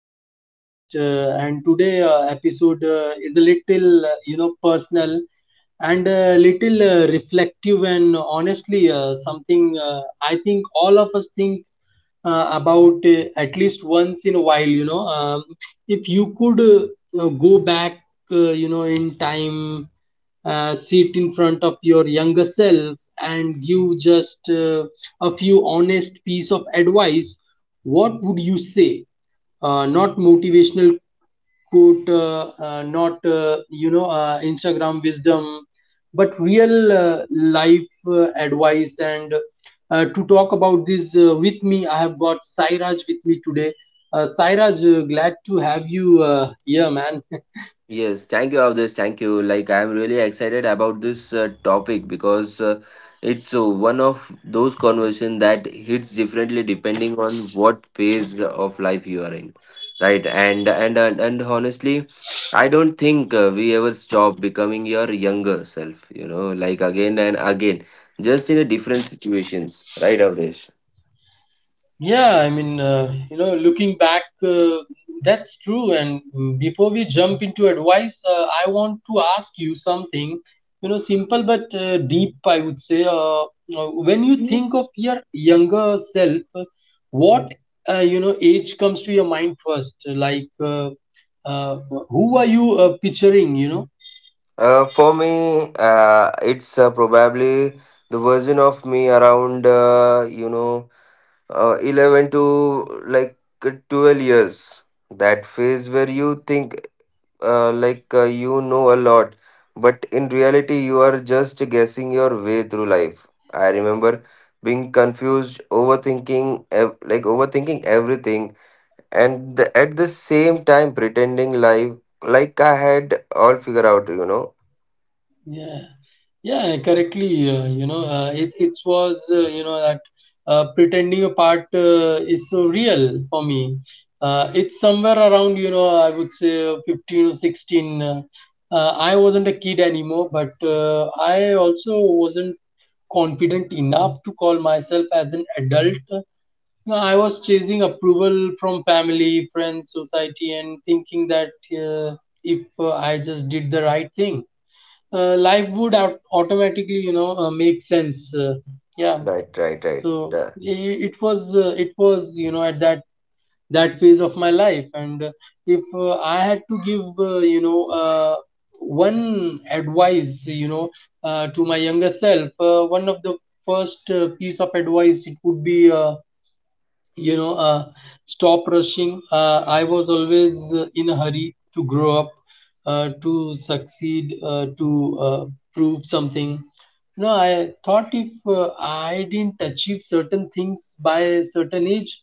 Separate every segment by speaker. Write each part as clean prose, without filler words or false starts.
Speaker 1: the podcast. And today episode is a little, personal and a little reflective, and honestly, something I think all of us think about at least once in a while. If you could go back, in time, sit in front of your younger self and give just. A few honest piece of advice, what would you say? Not motivational quote, not Instagram wisdom, but real life advice. And to talk about this with me, I have got Sairaj with me today. Sairaj, glad to have you here, man.
Speaker 2: Yes, thank you, Avdesh. Thank you. Like, I'm really excited about this topic because it's one of those conversation that hits differently depending on what phase of life you are in, right? And honestly, I don't think we ever stop becoming your younger self. You know, like again and again, just in a different situations, right, Avdesh?
Speaker 1: Yeah, I mean, looking back, that's true. And before we jump into advice, I want to ask you something, you know, simple but deep, I would say. When you think of your younger self, what, age comes to your mind first? Like, uh, who are you picturing, you know?
Speaker 2: For me, it's probably the version of me around, you know. 11 to like 12 years, that phase where you think you know a lot, but in reality you are just guessing your way through life. I remember being confused, overthinking like overthinking everything, and at the same time pretending life like I had all figure out, you know.
Speaker 1: Yeah, yeah, correctly. It was you know that pretending a part is so real for me. It's somewhere around you know I would say 15 or 16. I wasn't a kid anymore, but I also wasn't confident enough to call myself as an adult. No, I was chasing approval from family, friends, society, and thinking that uh, if I just did the right thing, life would automatically you know make sense, yeah.
Speaker 2: Right.
Speaker 1: So
Speaker 2: uh,
Speaker 1: it was, it was you know at that phase of my life, and if I had to give one advice, you know, to my younger self, one of the first piece of advice it would be you know uh, stop rushing. I was always in a hurry to grow up, to succeed, to prove something. No, I thought if I didn't achieve certain things by a certain age,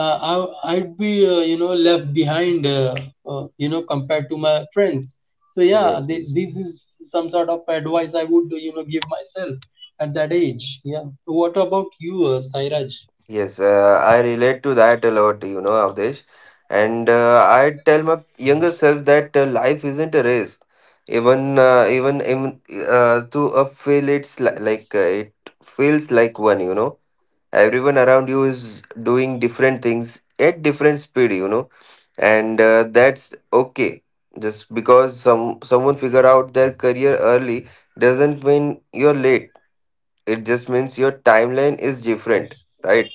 Speaker 1: uh, I, I'd be, left behind, compared to my friends. So yeah,
Speaker 2: yes,
Speaker 1: th-
Speaker 2: yes.
Speaker 1: this is some sort of advice I would you know give myself at that age. Yeah, what about you, Sairaj?
Speaker 2: Yes, I relate to that a lot, you know, Avdesh. And I tell my younger self that life isn't a race. Even to a feel it's li like it feels like one, you know. Everyone around you is doing different things at different speed, you know, and that's okay. Just because someone figure out their career early doesn't mean you're late. It just means your timeline is different, right?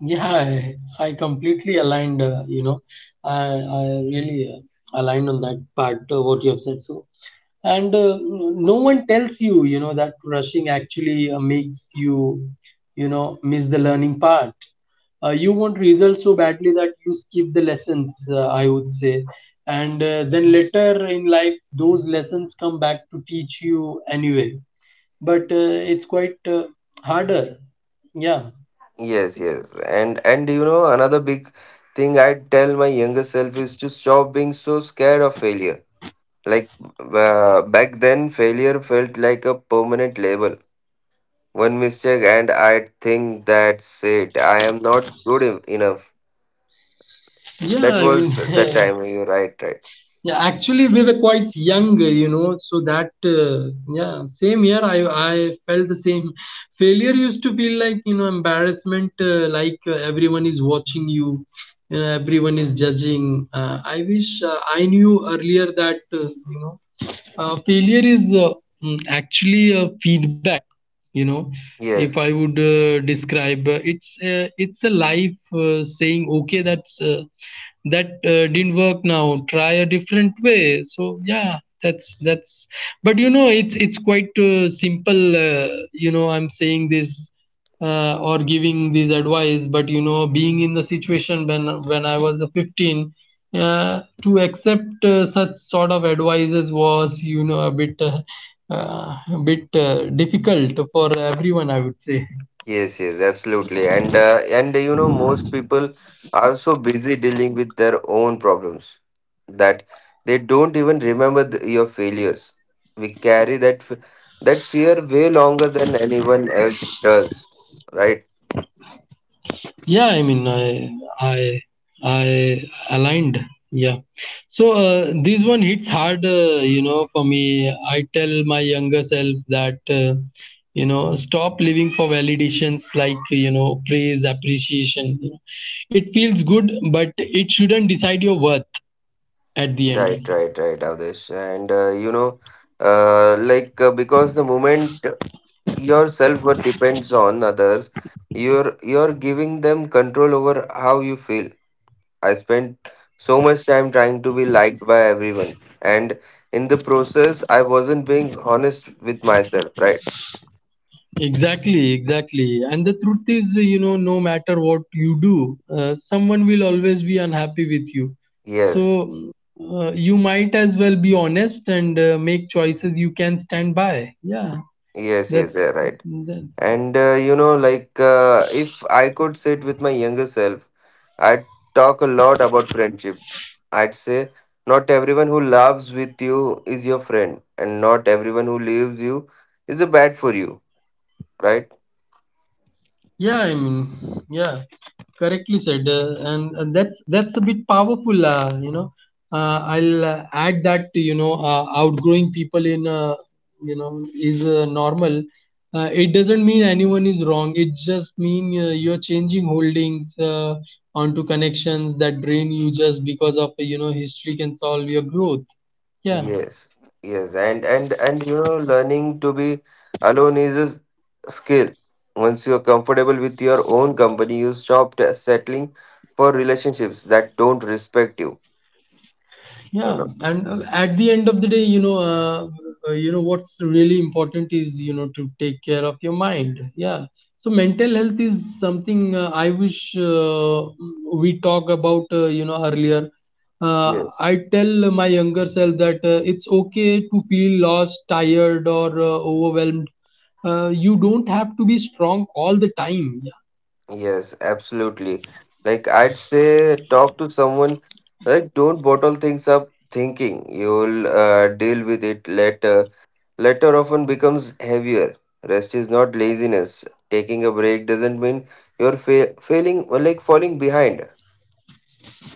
Speaker 1: Yeah, I completely aligned, I really aligned on that part, what you have said. So, and no one tells you, you know, that rushing actually makes you, you know, miss the learning part. You want results so badly that you skip the lessons, I would say. And then later in life, those lessons come back to teach you anyway. But it's quite harder. Yeah.
Speaker 2: Yes, yes. And you know, another big thing I tell my younger self is to stop being so scared of failure. Like back then failure felt like a permanent label. One mistake and I think that's it. I am not good enough.
Speaker 1: Yeah,
Speaker 2: That
Speaker 1: I
Speaker 2: was
Speaker 1: mean,
Speaker 2: the time, you're right, right.
Speaker 1: yeah, actually, we were quite young, so that, yeah, same year I felt the same. Failure used to feel like, you know, embarrassment, like everyone is watching you, you know, everyone is judging. I wish I knew earlier that, failure is, actually a feedback, you know. If
Speaker 2: Yes.
Speaker 1: I would describe, it's, it's a life saying okay that's, that didn't work, now try a different way. So yeah, that's but you know it's quite simple, you know I'm saying this, or giving this advice, but you know being in the situation when I was 15, to accept such sort of advices was you know a bit difficult for everyone, I would say.
Speaker 2: Yes, yes, absolutely. And you know, most people are so busy dealing with their own problems that they don't even remember th your failures. We carry that f that fear way longer than anyone else does. Right,
Speaker 1: Yeah, I mean, i I aligned. Yeah, so this one hits hard, for me. I tell my younger self that, stop living for validations, like you know praise, appreciation. It feels good but it shouldn't decide your worth at the end.
Speaker 2: right, Avdesh. And you know, because the moment your self-worth depends on others, you're giving them control over how you feel. I spent so much time trying to be liked by everyone. And in the process, I wasn't being honest with myself, right?
Speaker 1: Exactly, exactly. And the truth is, you know, no matter what you do, someone will always be unhappy with you.
Speaker 2: Yes,
Speaker 1: So you might as well be honest and make choices you can stand by. Yeah,
Speaker 2: yes, yes, yeah,
Speaker 1: that's
Speaker 2: right.
Speaker 1: that.
Speaker 2: And you know, if I could sit with my younger self, I'd talk a lot about friendship. I'd say, not everyone who loves with you is your friend, and not everyone who leaves you is a bad for you, right?
Speaker 1: Yeah, I mean, yeah, correctly said, and that's a bit powerful. I'll add that you know, outgrowing people in, is normal. It doesn't mean anyone is wrong. It just mean you're changing holdings onto connections that drain you just because of you know history can solve your growth. Yeah.
Speaker 2: Yes, yes, and you know, learning to be alone is a skill. Once you're comfortable with your own company, you stop settling for relationships that don't respect you. You
Speaker 1: Yeah,
Speaker 2: know?
Speaker 1: and at the end of the day you know, you know what's really important is you know to take care of your mind. Yeah, so mental health is something I wish we talk about, you know, earlier.
Speaker 2: Yes.
Speaker 1: I tell my younger self that, it's okay to feel lost, tired, or overwhelmed. You don't have to be strong all the time.
Speaker 2: Yes, absolutely. Like I'd say, talk to someone. Like, don't bottle things up, thinking you'll deal with it later. Latter often becomes heavier. Rest is not laziness. Taking a break doesn't mean you're failing, or like falling behind,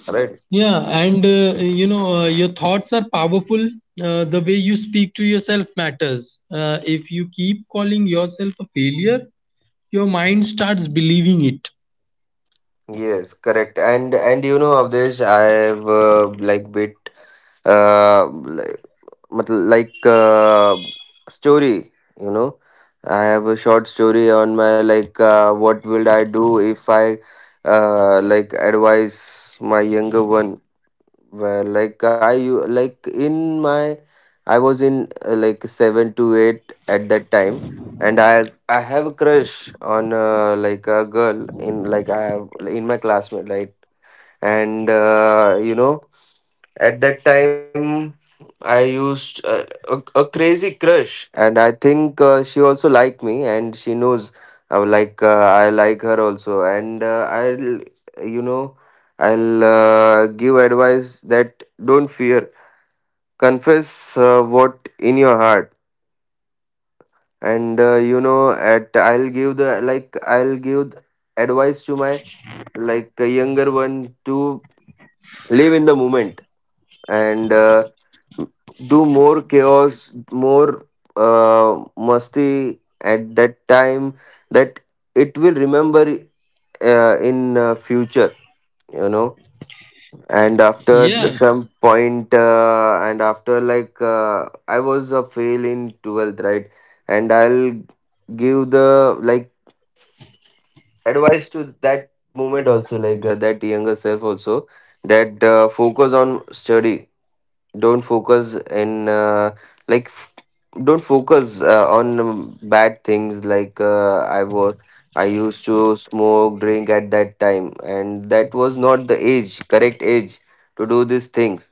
Speaker 2: right?
Speaker 1: Yeah, and your thoughts are powerful. The way you speak to yourself matters. If you keep calling yourself a failure, your mind starts believing it.
Speaker 2: Yes, correct. And you know, Avdesh, I've like bit uh like, मतलब story. You know, I have a short story on my what will I do if I like advise my younger one. Well, like I like in my, I was in like 7 to 8 at that time. And I have a crush on like a girl in like I have in my classmate, like, and you know, at that time I used a crazy crush, and I think she also liked me and she knows I would like I like her also. And I'll, you know, I'll give advice that don't fear, confess what in your heart. And you know, at I'll give the, like I'll give advice to my like a younger one to live in the moment. And do more chaos, more musty at that time, that it will remember in future, you know. And after the-
Speaker 1: Yeah,
Speaker 2: Yes. some point, and after I was a fail in 12th, right? And I'll give the like advice to that moment also, that younger self also, that focus on study, don't focus in like f- don't focus on bad things. Like I was, I used to smoke drink at that time, and that was not the age, correct age, to do these things.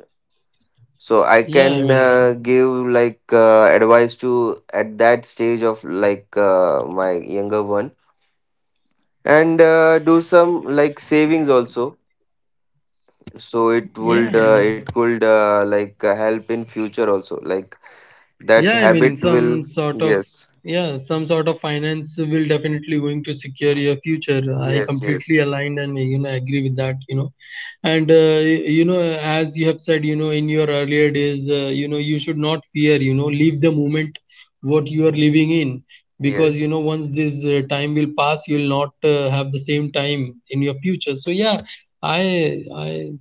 Speaker 2: So I
Speaker 1: yeah, I
Speaker 2: can
Speaker 1: mean,
Speaker 2: give advice to at that stage of my younger one. And do some like savings also, so it would
Speaker 1: yeah.
Speaker 2: it could help in future also, like that
Speaker 1: Yeah, I mean,
Speaker 2: habit
Speaker 1: some
Speaker 2: will.
Speaker 1: sort of,
Speaker 2: Yes,
Speaker 1: yeah, some sort of finance will definitely going to secure your future. I
Speaker 2: yes,
Speaker 1: completely
Speaker 2: yes,
Speaker 1: aligned and you know agree with that. You know, and you know as you have said, you know in your earlier days, you know you should not fear. You know, leave the moment what you are living in because you
Speaker 2: yes,
Speaker 1: know once this time will pass, you will not have the same time in your future. So yeah, I I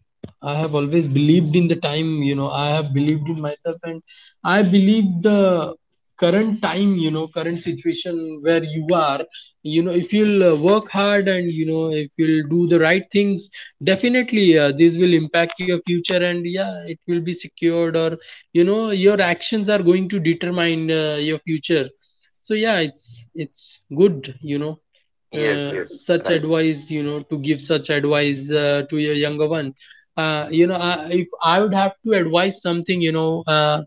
Speaker 1: I have always believed in the time. You know, I have believed in myself and I believe the current time, you know, current situation where you are, you know, if you'll work hard and, you know, if you'll do the right things, definitely this will impact your future and, yeah, it will be secured or, you know, your actions are going to determine your future. So, yeah, it's good, you know.
Speaker 2: yes, yes,
Speaker 1: Such
Speaker 2: right.
Speaker 1: advice you know to give such advice to your younger one, you know I, if I would have to advise something, you know uh,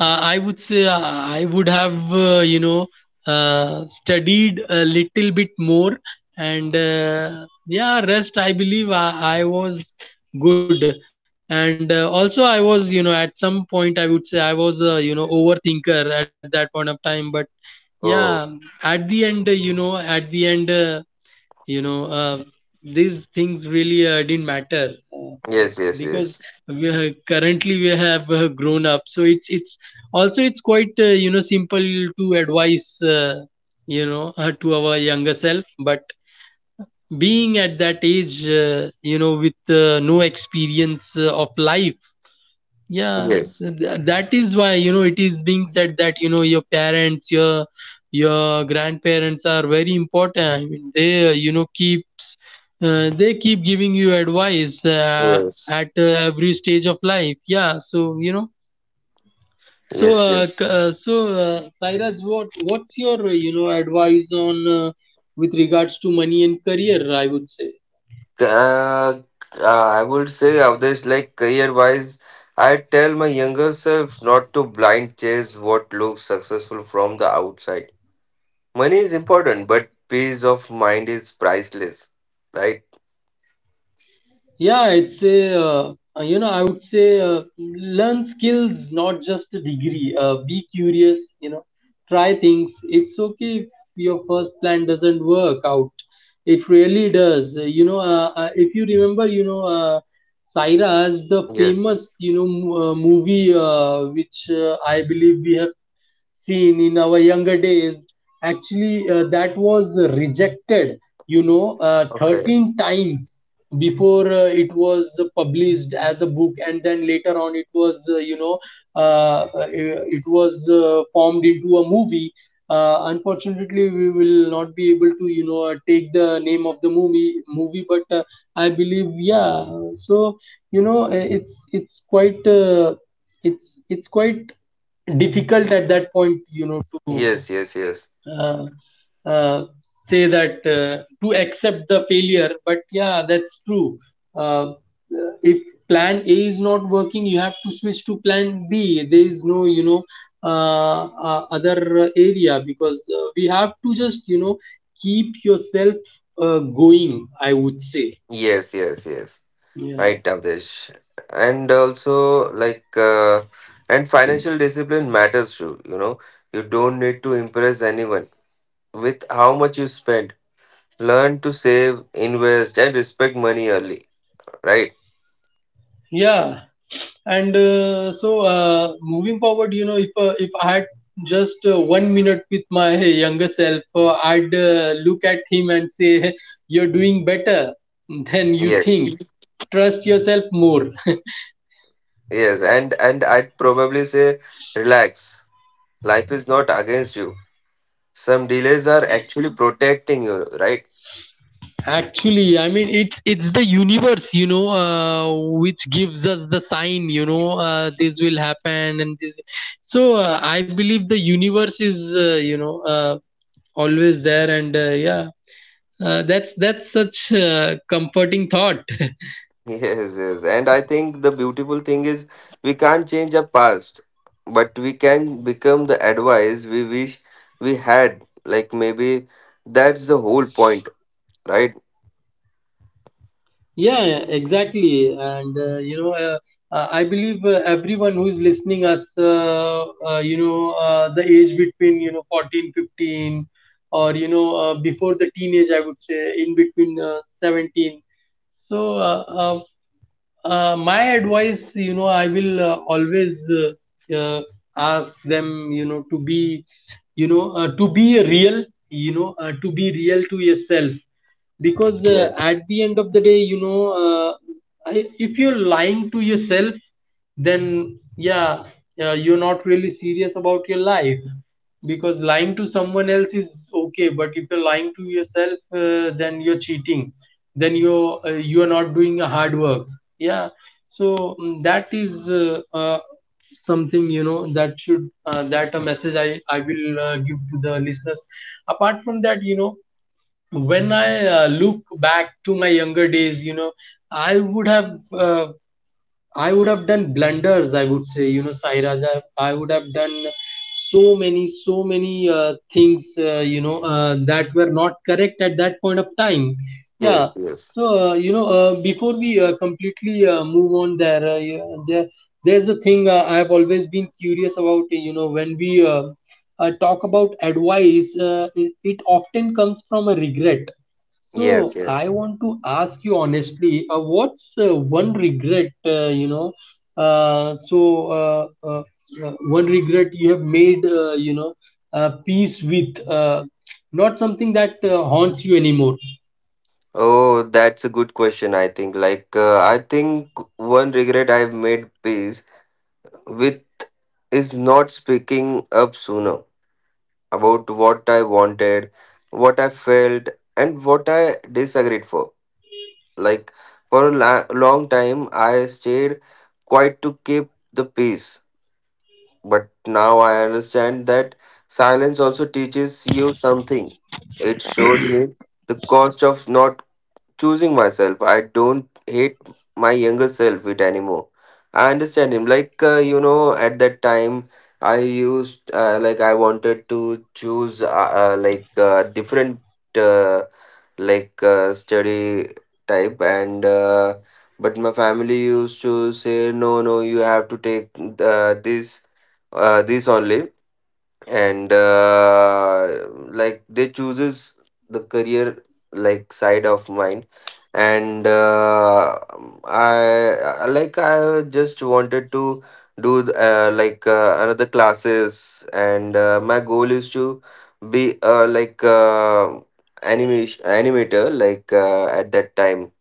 Speaker 1: uh, I would say I would have, studied a little bit more, and yeah, rest I believe I was good, and also I was, you know, at some point I would say I was, overthinker at that point of time. But yeah,
Speaker 2: Oh,
Speaker 1: at the end, at the end, you know, uh, these things really didn't matter.
Speaker 2: yes, yes,
Speaker 1: Because
Speaker 2: yes,
Speaker 1: we are, currently we have grown up, so it's also it's quite simple to advise, you know, to our younger self, but being at that age you know with no experience of life. Yeah,
Speaker 2: yes,
Speaker 1: that is why you know it is being said that you know your parents, your grandparents are very important. I mean, they you know keeps, they keep giving you advice
Speaker 2: yes,
Speaker 1: at every stage of life. Yeah, so you know, so,
Speaker 2: yes, yes.
Speaker 1: so Sairaj, what's your advice on, with regards to money and career? I would say.
Speaker 2: uh, I would say Avdesh, like career wise, I tell my younger self not to blind chase what looks successful from the outside. Money is important but peace of mind is priceless, right?
Speaker 1: Yeah, it's a uh, I would say learn skills, not just a degree. Be curious, you know, try things. It's okay if your first plan doesn't work out. It really does. If you remember, Saira is the
Speaker 2: Yes, yes.
Speaker 1: famous, movie which I believe we have seen in our younger days actually, that was rejected
Speaker 2: Okay.
Speaker 1: 13 times before it was published as a book, and then later on it was it was formed into a movie. Unfortunately, we will not be able to take the name of the movie but I believe, yeah. So, you know uh, it's quite it's quite difficult at that point, you know, to
Speaker 2: Yes, yes, yes,
Speaker 1: uh, uh, say that, to accept the failure. But yeah, that's true. uh, if plan A is not working, you have to switch to plan B. There is no, other area, because we have to just, you know, keep yourself going, I would say.
Speaker 2: yes, yes, yes.
Speaker 1: Yeah,
Speaker 2: Right, Avdesh. And also, and financial discipline matters too. You know, you don't need to impress anyone with how much you spend. Learn to save, invest, and respect money early. Right?
Speaker 1: yeah. And so, moving forward, you know, if I had just 1 minute with my younger self, I'd look at him and say, "You're doing better than you
Speaker 2: Yes. Mhm.
Speaker 1: think. Trust yourself more."
Speaker 2: Yes. And I'd probably say, relax. Life is not against you. Some delays are actually protecting you. Right?
Speaker 1: Actually, I mean, it's the universe, you know, which gives us the sign, you know, this will happen and this. So I believe the universe is, always there, and yeah, that's such a comforting thought.
Speaker 2: Yes, yes. And I think the beautiful thing is we can't change our past, but we can become the advice we wish we had. Like maybe that's the whole point, right?
Speaker 1: Yeah, yeah, exactly. And I believe everyone who's listening us, the age between, you know, 14, 15, or you know, before the teenage, I would say, in between 17. So my advice, you know, I will always uh, uh, ask them, you know, to be to be real, to be real to yourself, because
Speaker 2: Yes.
Speaker 1: at the end of the day, if you're lying to yourself, then yeah, you're not really serious about your life, because lying to someone else is okay, but if you're lying to yourself, then you're cheating, then you're not doing a hard work, yeah. So that is something, you know, that should that a message I will give to the listeners. Apart from that, you know, when I look back to my younger days, you know, I would have uh, I would have done blunders. I would say, you know, Sai Raja, I would have done so many, so many things, that were not correct at that point of time. Yeah.
Speaker 2: Yes, yes.
Speaker 1: So before we completely move on, there, yeah, there, there's a thing I have always been curious about. You know, when we talk about advice, it, it often comes from a regret. So
Speaker 2: Yes,
Speaker 1: I
Speaker 2: yes.
Speaker 1: want to ask you honestly, what's one regret, you know? So uh, uh, one regret you have made, you know, peace with, not something that haunts you anymore.
Speaker 2: Oh, that's a good question, I think. I think one regret I've made peace with is not speaking up sooner about what I wanted, what I felt, and what I disagreed for. Like for a long time, I stayed quiet to keep the peace. But now I understand that silence also teaches you something. It showed me the cost of not choosing myself. I don't hate my younger self it anymore. I understand him. Like you know, at that time, I used like I wanted to choose different uh, study type. And but my family used to say, no no, you have to take uh, this this only. And like they chooses the career like side of mine. And like I just wanted to do another classes. And my goal is to be animation animator at that time.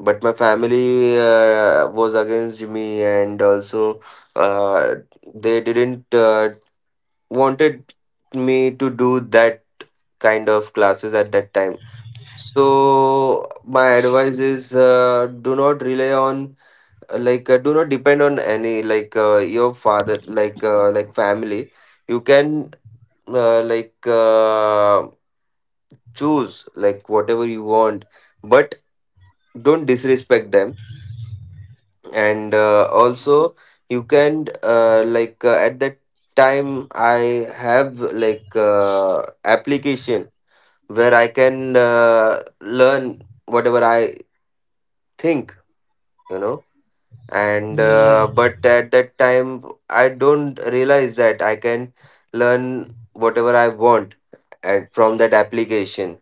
Speaker 2: But my family was against me, and also uh, they didn't wanted me to do that kind of classes at that time. So my advice is, do not rely on, do not depend on any your father, like family. You can uh, like uh, choose like whatever you want, but don't disrespect them. And also, you can at that time I have application where I can learn whatever I think, you know. And
Speaker 1: Yeah, yeah.
Speaker 2: but at that time I don't realize that I can learn whatever I want at, from that application.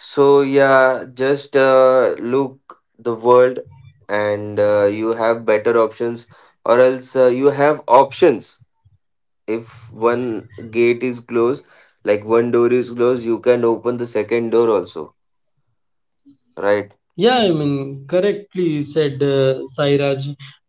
Speaker 2: So yeah, just look the world, and you have better options, or else you have options. If one gate is closed, like one door is closed, you can open the second door also, right?
Speaker 1: Yeah, I mean, correctly said, Sairaj.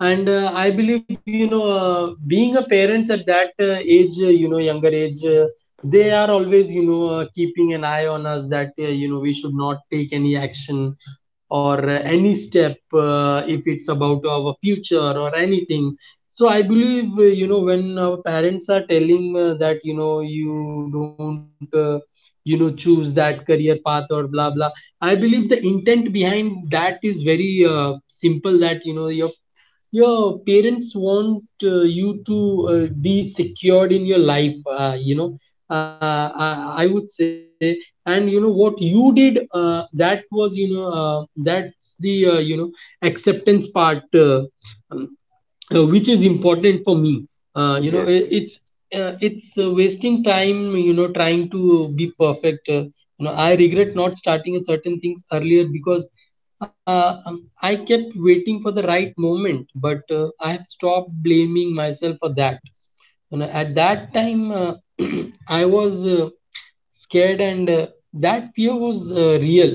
Speaker 1: And I believe, you know, being a parent at that age, you know, younger age, they are always, you know, keeping an eye on us, that, you know, we should not take any action or any step if it's about our future or anything. So I believe, you know, when our parents are telling, that you know, you don't you know, choose that career path or blah blah. I believe the intent behind that is very simple. That you know, your parents want you to be secured in your life, you know, I would say. And you know what you did, that was, that's the, you know, acceptance part, um, which is important for me. You know,
Speaker 2: Yes, yes.
Speaker 1: it's wasting time, you know, trying to be perfect. You know, I regret not starting a certain things earlier, because uh, um, I kept waiting for the right moment, but I have stopped blaming myself for that. You know, at that time, I was scared, and that fear was real.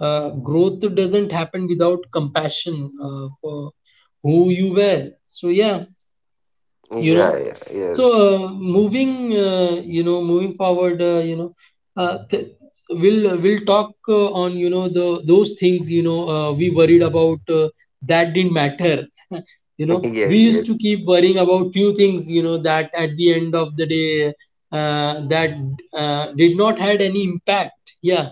Speaker 1: Growth doesn't happen without compassion for who you were, so yeah, you
Speaker 2: Yeah,
Speaker 1: know.
Speaker 2: yeah,
Speaker 1: So
Speaker 2: yes,
Speaker 1: moving, you know, moving forward, uh, th- we'll talk on, you know, the those things, you know, we worried about that didn't matter. You know, we
Speaker 2: yes,
Speaker 1: used to
Speaker 2: yes,
Speaker 1: keep worrying about few things, you know, that at the end of the day that did not had any impact, yeah.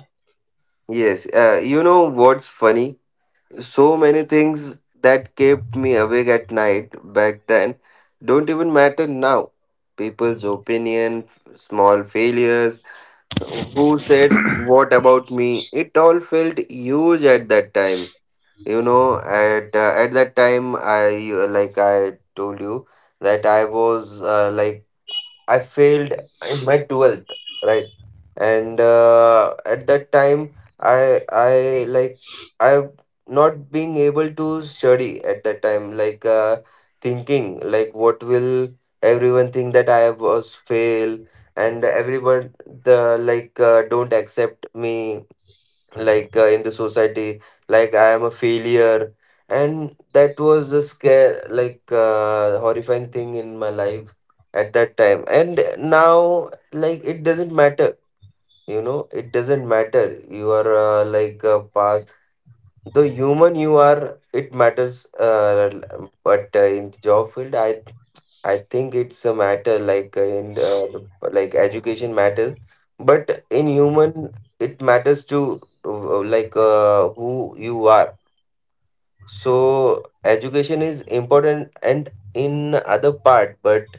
Speaker 2: yes. You know what's funny? So many things that kept me awake at night back then don't even matter now. People's opinion, small failures, who said what about me, it all felt huge at that time. You know, at that time, I like I told you that I was like I failed in my 12th, right? And at that time, I like I not being able to study at that time, thinking like what will everyone think that I was fail, and everyone the don't accept me in the society, like I am a failure. And that was the scare, horrifying thing in my life at that time. And now like it doesn't matter, you know. It doesn't matter you are past. The human you are, it matters but in the job field, I think it's a matter, like education matters, but in human it matters to who you are. So education is important and in other part, but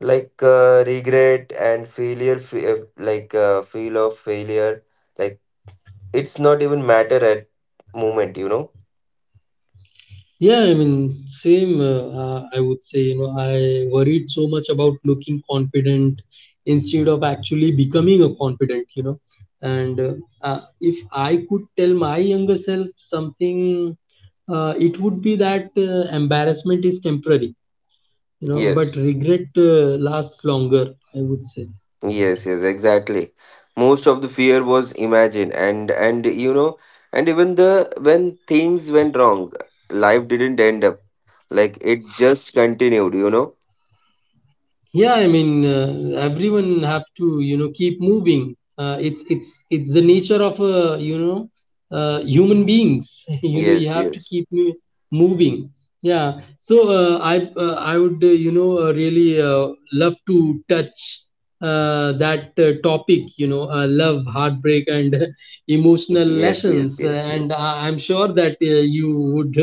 Speaker 2: regret and failure, feel of failure, like it's not even matter at moment, you know.
Speaker 1: Yeah, I mean, same. I would say, you know, I worried so much about looking confident instead of actually becoming a confident, you know. And if I could tell my younger self something, it would be that embarrassment is temporary, you know, but
Speaker 2: Yes.
Speaker 1: regret lasts longer, I would say.
Speaker 2: Yes, yes, exactly. Most of the fear was imagined, and you know, and even the when things went wrong, life didn't end up, like it just continued. You know.
Speaker 1: Yeah, I mean, everyone have to, you know, keep moving. It's the nature of, human beings. You know, you
Speaker 2: Yes,
Speaker 1: have to
Speaker 2: yes,
Speaker 1: keep moving. Yeah. So I would really love to touch that topic. You know, love, heartbreak, and emotional
Speaker 2: yes, yes,
Speaker 1: lessons.
Speaker 2: yes,
Speaker 1: And
Speaker 2: yes.
Speaker 1: I'm sure that you would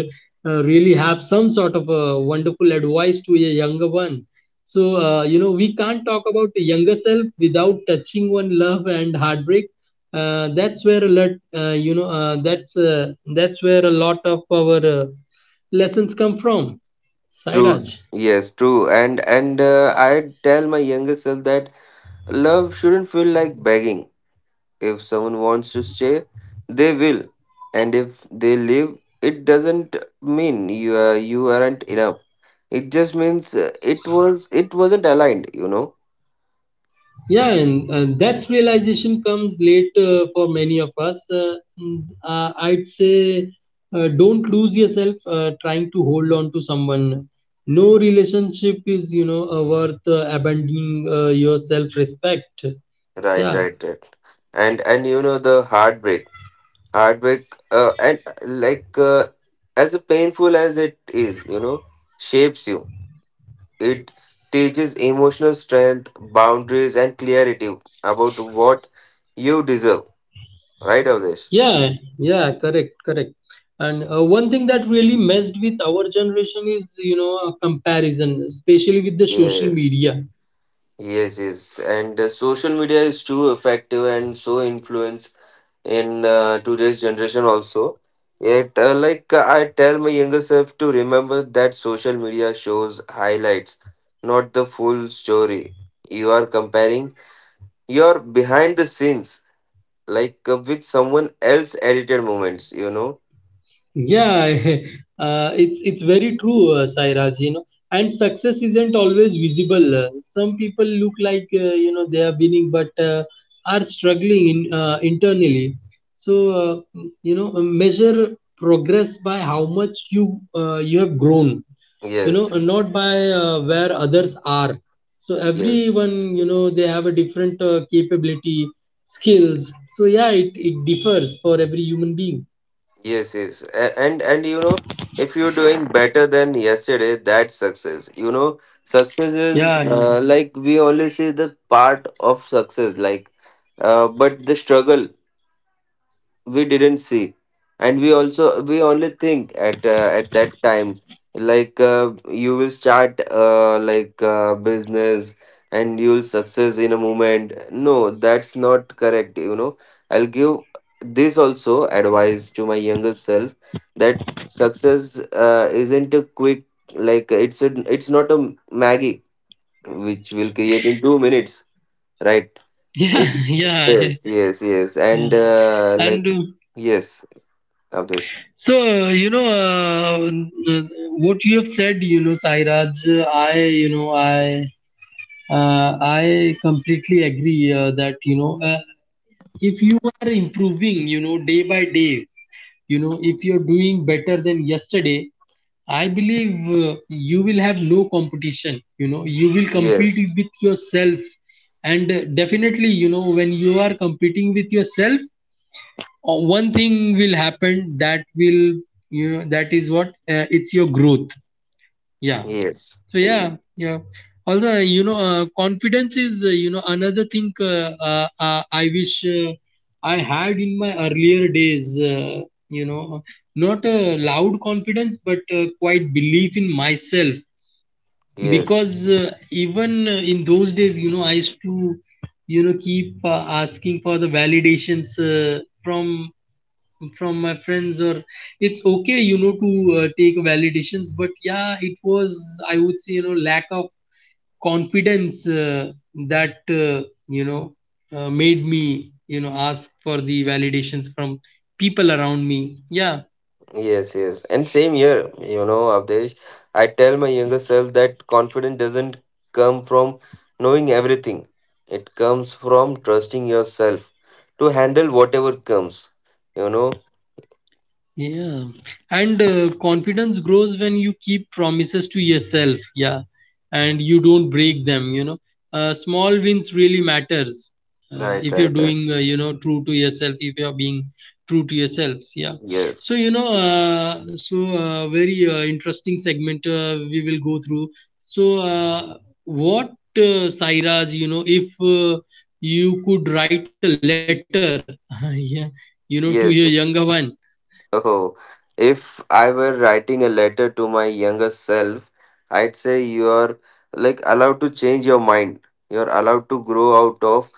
Speaker 1: really have some sort of a wonderful advice to a younger one. So, you know, we can't talk about the younger self without touching one love and heartbreak. That's where a lot, that's where a lot of our lessons come from,
Speaker 2: True.
Speaker 1: Sairaj.
Speaker 2: Yes, true. And I tell my younger self that love shouldn't feel like begging. If someone wants to stay, they will, and if they leave, it doesn't mean you aren't enough. It just means it wasn't aligned, you know.
Speaker 1: Yeah, and that realization comes late for many of us. I'd say don't lose yourself trying to hold on to someone. No relationship is, you know, worth abandoning your self-respect.
Speaker 2: Right,
Speaker 1: Yeah.
Speaker 2: right, right. And you know the heartbreak, heartbreak, and like as a painful as it is, you know, shapes you. It teaches emotional strength, boundaries, and clarity about what you deserve. Right, Avdesh?
Speaker 1: Yeah, yeah, correct, correct. And one thing that really messed with our generation is, you know, a comparison, especially with the social
Speaker 2: Yes,
Speaker 1: media.
Speaker 2: yes, yes. And social media is too effective and so influence in today's generation also yet I tell my younger self to remember that social media shows highlights, not the full story. You are comparing your behind the scenes, with someone else edited moments, you know.
Speaker 1: Yeah, it's very true, Sairaj, you know. And success isn't always visible. Some people look like, you know, they are winning, but are struggling in, internally. So you know, measure progress by how much you you have grown, you know,
Speaker 2: Yes,
Speaker 1: not by where others are. So
Speaker 2: yes.
Speaker 1: everyone, you know, they have a different capability, skills. So yeah, it differs for every human being.
Speaker 2: Yes, yes. And you know, if you're doing better than yesterday, that's success. You know, success is
Speaker 1: Yeah, yeah.
Speaker 2: like we only see the part of success, like, but the struggle we didn't see. And we only think at that time like you will start business and you will success in a moment. No, that's not correct, you know. I'll give this also advice to my younger self that success isn't a quick, like it's a, it's not a maggie which will create in 2 minutes, right? it,
Speaker 1: Yeah, yeah,
Speaker 2: yes, yes, yes,
Speaker 1: yeah.
Speaker 2: and
Speaker 1: And
Speaker 2: yes of this.
Speaker 1: so, uh, what you have said, you know, Sairaj, I completely agree that, you know, if you are improving, you know, day by day, you know, if you're doing better than yesterday, I believe you will have no competition. You know, you will compete
Speaker 2: Yes,
Speaker 1: with yourself, and definitely, you know, when you are competing with yourself, one thing will happen that will, you know, that is what it's your growth. Yeah.
Speaker 2: yes,
Speaker 1: So
Speaker 2: y-
Speaker 1: yeah, yeah. Although you know, confidence is, you know, another thing. I wish I had in my earlier days. You know, not a loud confidence, but quite belief in myself.
Speaker 2: yes,
Speaker 1: Because even in those days, you know, I used to, you know, keep asking for the validations from my friends, or it's okay, you know, to take validations, but yeah, it was, I would say, you know, lack of confidence that you know, made me, you know, ask for the validations from people around me, yeah.
Speaker 2: yes, yes. And same here, you know, Avdesh, I tell my younger self that confidence doesn't come from knowing everything, it comes from trusting yourself to handle whatever comes, you know.
Speaker 1: Yeah, and confidence grows when you keep promises to yourself. Yeah, and you don't break them. You know, small wins really matters.
Speaker 2: Right,
Speaker 1: If
Speaker 2: right,
Speaker 1: you're
Speaker 2: right.
Speaker 1: doing, true to yourself, if you're being true to yourself, yeah. So
Speaker 2: Yes,
Speaker 1: you know, so very interesting segment we will go through. So what, Sairaj? You know, if you could write a letter, yeah, you know, to your younger
Speaker 2: yes.
Speaker 1: one.
Speaker 2: Oh, if I were writing a letter to my younger self, I'd say you're like allowed to change your mind. You're allowed to grow out of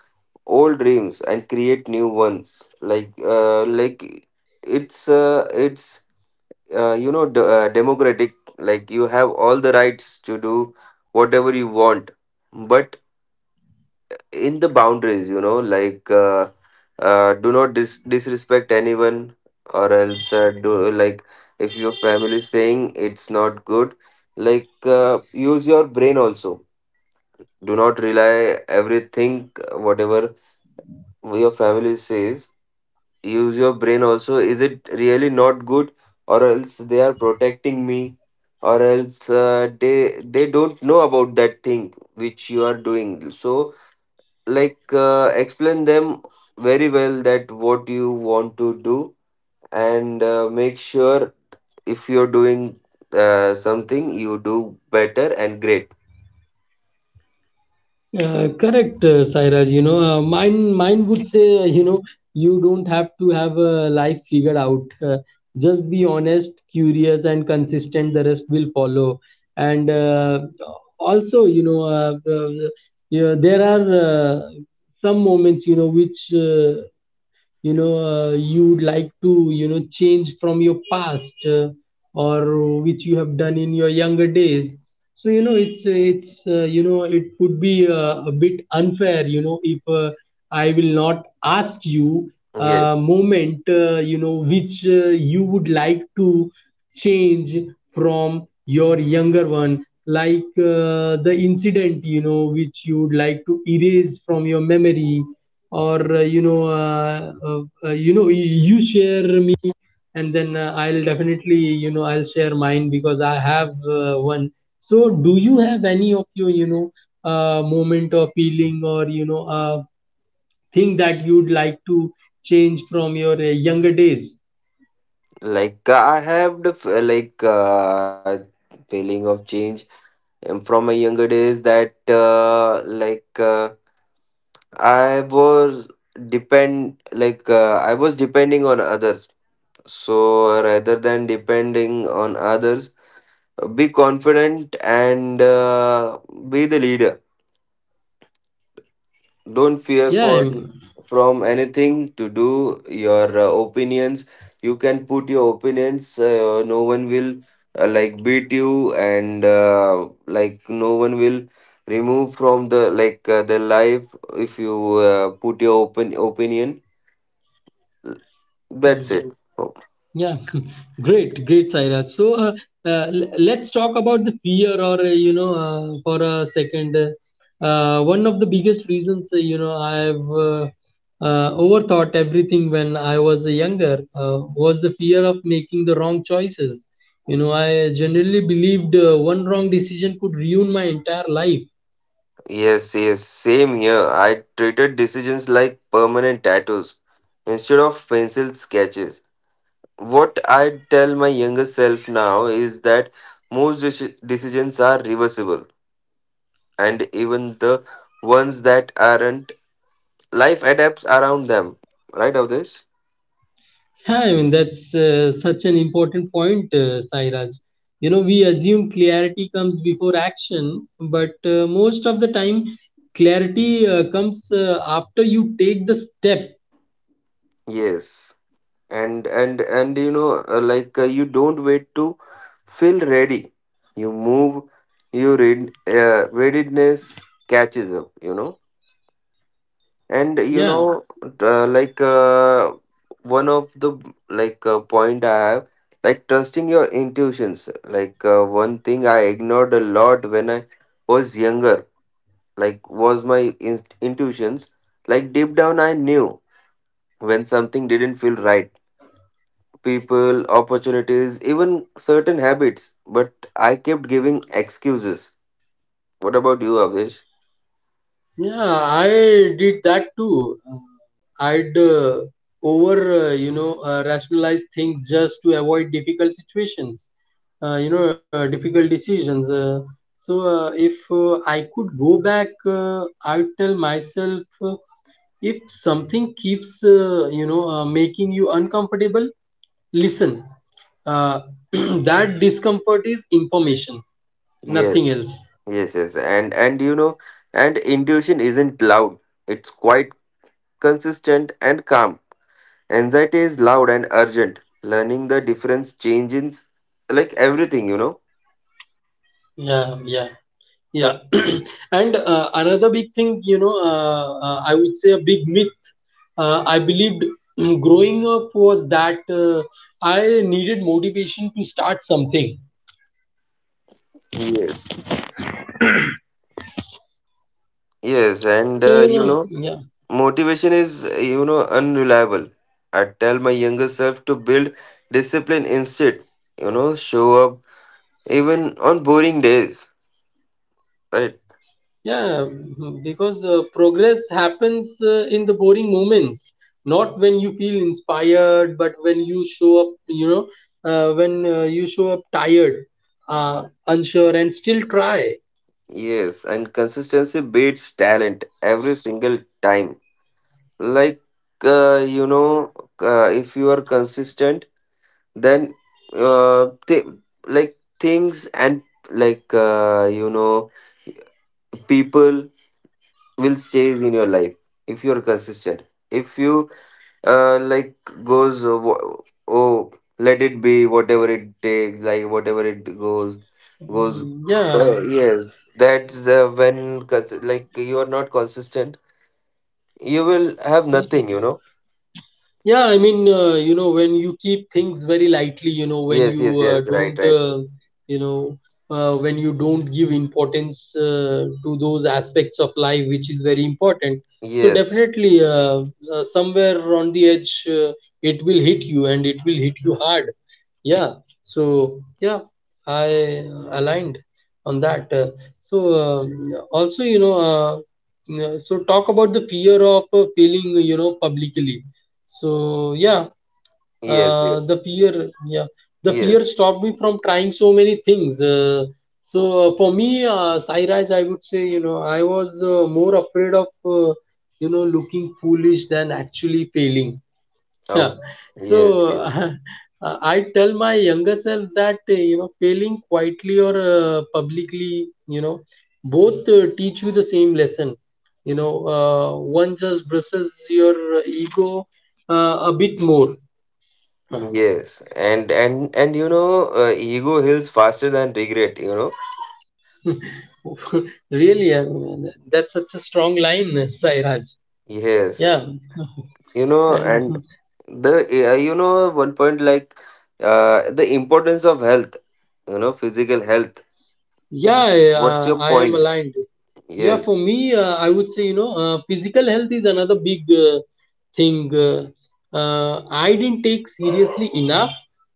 Speaker 2: old dreams and create new ones , like it's you know democratic, like you have all the rights to do whatever you want, but in the boundaries, you know. Do not disrespect anyone, or else do like if your family is saying it's not good, use your brain also. Do not rely everything whatever your family says. Use your brain also, is it really not good, or else they are protecting me, or else they don't know about that thing which you are doing. So explain them very well that what you want to do, and make sure if you're doing something, you do better and great.
Speaker 1: Correct, Sairaj. You know, mine would say, you know, you don't have to have a life figured out. Just be honest, curious, and consistent. The rest will follow. And also, you know, yeah, there are some moments, you know, which you'd like to, you know, change from your past, or which you have done in your younger days. So you know, it's you know, it would be a bit unfair, you know, if I will not ask you a
Speaker 2: Yes.
Speaker 1: moment, you know, which you would like to change from your younger one, like the incident, you know, which you would like to erase from your memory, or you know, you share me and then I'll definitely, you know, I'll share mine, because I have one. So do you have any of your, you know, moment of feeling, or you know, thing that you'd like to change from your younger days?
Speaker 2: Like I have the feeling of change, and from my younger days that I was I was depending on others. So rather than depending on others, be confident and be the leader. Don't fear
Speaker 1: Yeah,
Speaker 2: for
Speaker 1: I'm,
Speaker 2: from anything to do your opinions. You can put your opinions, no one will beat you, and no one will remove from the the life if you put your open opinion. That's
Speaker 1: yeah.
Speaker 2: it. Oh,
Speaker 1: Yeah, great, great, Saira. So let's talk about the fear, or for a second. One of the biggest reasons, you know, I've overthought everything when I was younger was the fear of making the wrong choices. You know, I generally believed one wrong decision could ruin my entire life.
Speaker 2: yes. Yes, same here. I treated decisions like permanent tattoos instead of pencil sketches. What I tell my younger self now is that most decisions are reversible, and even the ones that aren't, life adapts around them. Right, Avdesh?
Speaker 1: Yeah, I mean, that's such an important point, Sairaj. You know, we assume clarity comes before action, but most of the time, clarity comes after you take the step.
Speaker 2: Yes. And and you know, you don't wait to feel ready. You move. You read. Readiness catches up, you know. And you
Speaker 1: Yeah.
Speaker 2: know uh, like uh, one of the point I have, like trusting your intuitions. One thing I ignored a lot when I was younger was my intuitions. Like deep down I knew when something didn't feel right, people, opportunities, even certain habits, but I kept giving excuses. What about you, Avdesh?
Speaker 1: Yeah, I did that too. I'd over, rationalize things just to avoid difficult situations, difficult decisions. So if I could go back, I'd tell myself if something keeps, making you uncomfortable, listen. Uh, that discomfort is information, nothing
Speaker 2: Yes,
Speaker 1: else.
Speaker 2: yes, yes, and you know, and intuition isn't loud. It's quite consistent and calm. Anxiety is loud and urgent. Learning the difference changes like everything, you know.
Speaker 1: Yeah, yeah. Yeah, and another big thing, you know, I would say a big myth. I believed growing up was that I needed motivation to start something.
Speaker 2: Yes, yes, and
Speaker 1: So you
Speaker 2: you
Speaker 1: know,
Speaker 2: know,
Speaker 1: yeah,
Speaker 2: motivation is you know unreliable. I tell my younger self to build discipline instead. You know, show up even on boring days, right?
Speaker 1: yeah, mhm, because progress happens in the boring moments, not when you feel inspired, but when you show up, you know, when you show up tired, unsure, and still try.
Speaker 2: Yes, and consistency beats talent every single time. like you know, if you are consistent, then uh, th- like things and you know people will stays in your life if you are consistent. If you uh, like goes oh, let it be whatever it takes, like whatever it goes.
Speaker 1: Mm, yeah.
Speaker 2: Oh, yes, that's when like you are not consistent you will have nothing, you know.
Speaker 1: Yeah, I mean, you know, when you keep things very lightly, you know, when
Speaker 2: Yes,
Speaker 1: you
Speaker 2: yes, yes, right,
Speaker 1: don't,
Speaker 2: right.
Speaker 1: you know, when you don't give importance to those aspects of life which is very important. So
Speaker 2: Yes,
Speaker 1: definitely, somewhere on the edge, it will hit you, and it will hit you hard. Yeah. So yeah, I aligned on that. So also, you know, so talk about the fear of failing, you know, publicly. So yeah,
Speaker 2: yes, yes,
Speaker 1: the fear, yeah, the
Speaker 2: yes.
Speaker 1: fear stopped me from trying so many things. So for me, Sairaj, I would say, you know, I was more afraid of you know, looking foolish than actually failing. Yeah.
Speaker 2: Oh,
Speaker 1: So
Speaker 2: yes, yes,
Speaker 1: I tell my younger self that you know, failing quietly or publicly, you know, both teach you the same lesson. You know, one just brushes your ego a bit more. Uh,
Speaker 2: yes. And you know, ego heals faster than regret, you know.
Speaker 1: really, I mean, that's such a strong line, Sairaj.
Speaker 2: Yes,
Speaker 1: Yeah,
Speaker 2: you know,
Speaker 1: and
Speaker 2: and the you know one point like the importance of health. You know, physical health.
Speaker 1: yeah,
Speaker 2: What's your
Speaker 1: I am
Speaker 2: point?
Speaker 1: aligned. Yeah, for
Speaker 2: Yes.
Speaker 1: me, I would say, you know, physical health is another big thing. I didn't take seriously enough.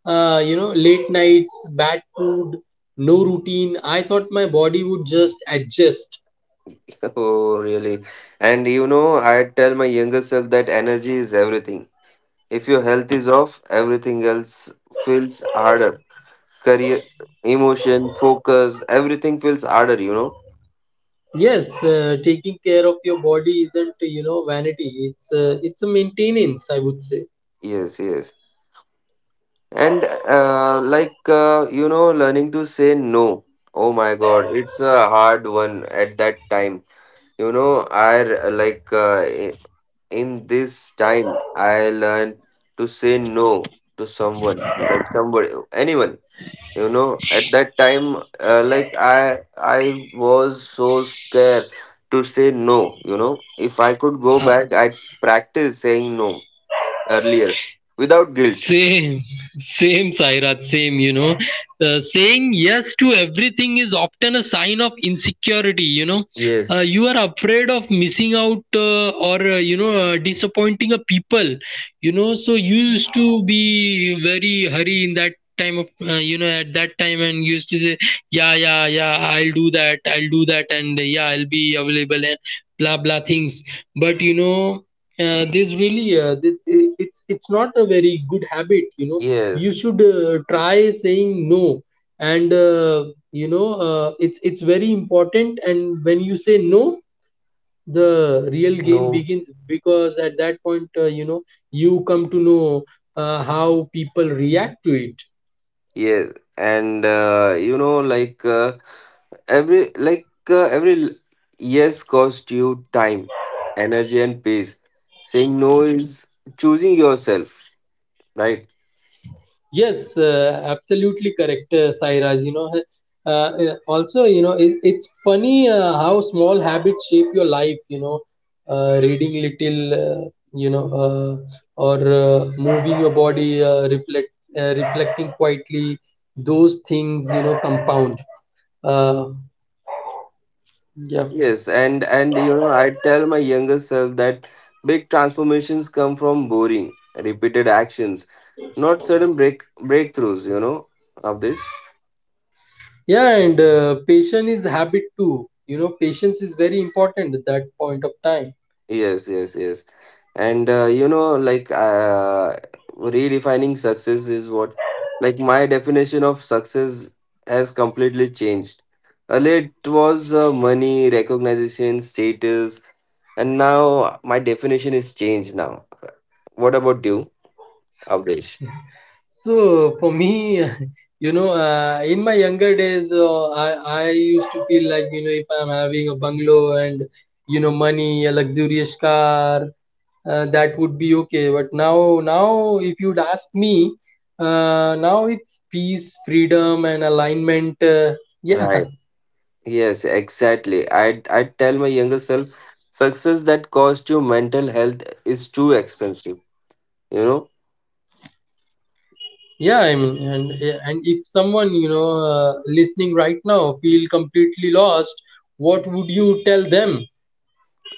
Speaker 1: You know, late nights, bad food, no routine. I thought my body would just adjust.
Speaker 2: Oh, really? And you know, I tell my younger self that energy is everything. If your health is off, everything else feels harder. Career, emotion, focus, everything feels harder, you know?
Speaker 1: Yes, taking care of your body isn't, you know, vanity. It's a maintenance, I would say.
Speaker 2: Yes, yes. And you know, learning to say no. Oh my God, it's a hard one at that time. You know, I r- like I- in this time, I learn to say no to someone, like somebody, anyone. You know, at that time, I was so scared to say no. You know, if I could go back, I'd practice saying no earlier, without guilt.
Speaker 1: Same, same, Sairat, same, you know. Saying yes to everything is often a sign of insecurity, you know.
Speaker 2: Yes.
Speaker 1: You are afraid of missing out or, you know, disappointing a people, you know. So you
Speaker 2: Yeah.
Speaker 1: used to be very hurry in that time of, you know, at that time, and used to say, yeah, yeah, yeah, I'll do that, and yeah, I'll be available and blah, blah things. But, you know, there's really this, it's not a very good habit, you know. You
Speaker 2: Yes.
Speaker 1: should try saying no, and you know, it's very important, and when you say no, the real game
Speaker 2: No.
Speaker 1: begins, because at that point, you know, you come to know how people react to it.
Speaker 2: Yes, and you know every like uh, every l- yes cost you time, energy and pace. Saying no is choosing yourself, right?
Speaker 1: Yes, absolutely correct, Sairaj. You know, also, you know, it's funny how small habits shape your life. You know, reading little, uh, you know, or moving your body, reflecting quietly. Those things, you know, compound. Uh, yeah,
Speaker 2: Yes, and you know, I tell my younger self that big transformations come from boring, repeated actions, not sudden breakthroughs. You know, of this.
Speaker 1: yeah, and patience is habit too. You know, patience is very important at that point of time.
Speaker 2: Yes, yes, yes, and you know, redefining success is what, like my definition of success has completely changed. Earlier, it was money, recognition, status, and now my definition is changed. Now, what about you, Abdesh?
Speaker 1: So for me, you know, in my younger days, I used to feel like, you know, if I'm having a bungalow and you know money, a luxurious car, that would be okay. But now, now if you'd ask me, now it's peace, freedom, and alignment. Yeah,
Speaker 2: Right. Yes, exactly. I tell my younger self, success that costs you mental health is too expensive, you know.
Speaker 1: yeah. I mean, and if someone, you know, listening right now, feel completely lost, what would you tell them?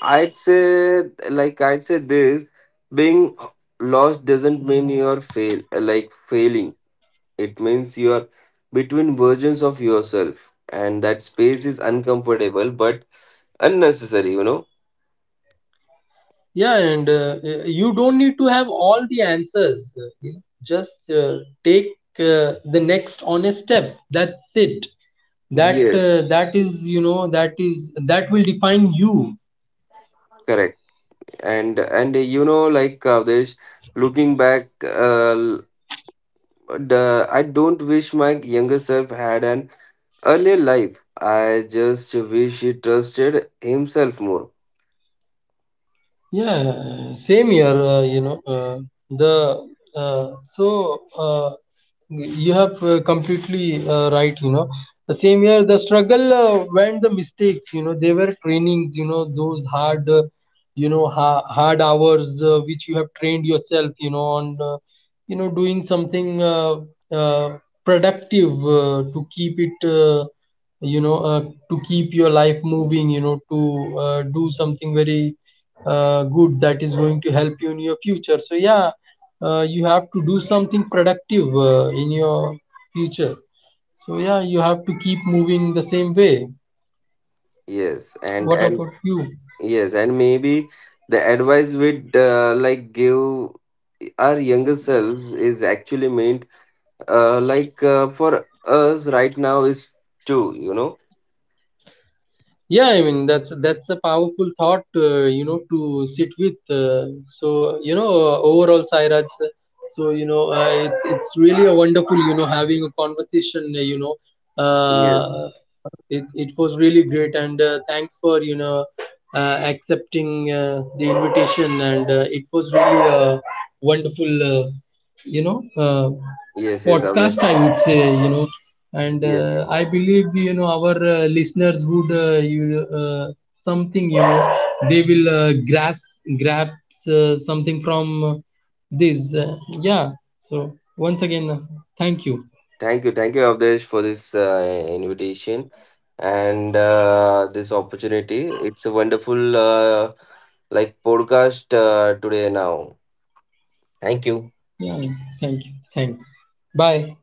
Speaker 2: I'd say I'd say this, being lost doesn't mean you're failing. It means you're between versions of yourself, and that space is uncomfortable but unnecessary, you know.
Speaker 1: Yeah, and you don't need to have all the answers, you know, just take the next honest step, that's it. That
Speaker 2: Yes,
Speaker 1: that is, you know, that is that will define you.
Speaker 2: correct. And you know, like Kavdesh, looking back, I don't wish my younger self had an earlier life. I just wish he trusted himself more.
Speaker 1: Yeah, same here. You know, the, so you have completely right. You know, the same here. The struggle when the mistakes. You know, they were trainings. You know, those hard, you know, hard hours which you have trained yourself. You know, on you know, doing something uh, productive to keep it. You know, to keep your life moving. You know, to do something very good that is going to help you in your future, so yeah, you have to do something productive in your future. So yeah, you have to keep moving the same way.
Speaker 2: Yes, and
Speaker 1: What
Speaker 2: and
Speaker 1: about you?
Speaker 2: yes, and maybe the advice we'd like give our younger selves is actually meant for us right now is two, you know.
Speaker 1: Yeah, I mean, that's a powerful thought, you know, to sit with. So you know, overall, Sairaj. So you know, it's really a wonderful, you know, having a conversation. You know,
Speaker 2: Yes.
Speaker 1: uh, it was really great, and thanks for, you know, accepting the invitation, and it was really a wonderful, you know, uh,
Speaker 2: Yes. Yes.
Speaker 1: podcast.
Speaker 2: Abdesh.
Speaker 1: I would say, you know, and
Speaker 2: Yes.
Speaker 1: I believe, you know, our listeners would you something, you know, they will grasp grab something from this, yeah. So once again, thank you.
Speaker 2: Thank you, Avdesh, for this invitation and this opportunity. It's a wonderful podcast today now. Thank you.
Speaker 1: Yeah, thank you, thanks, bye.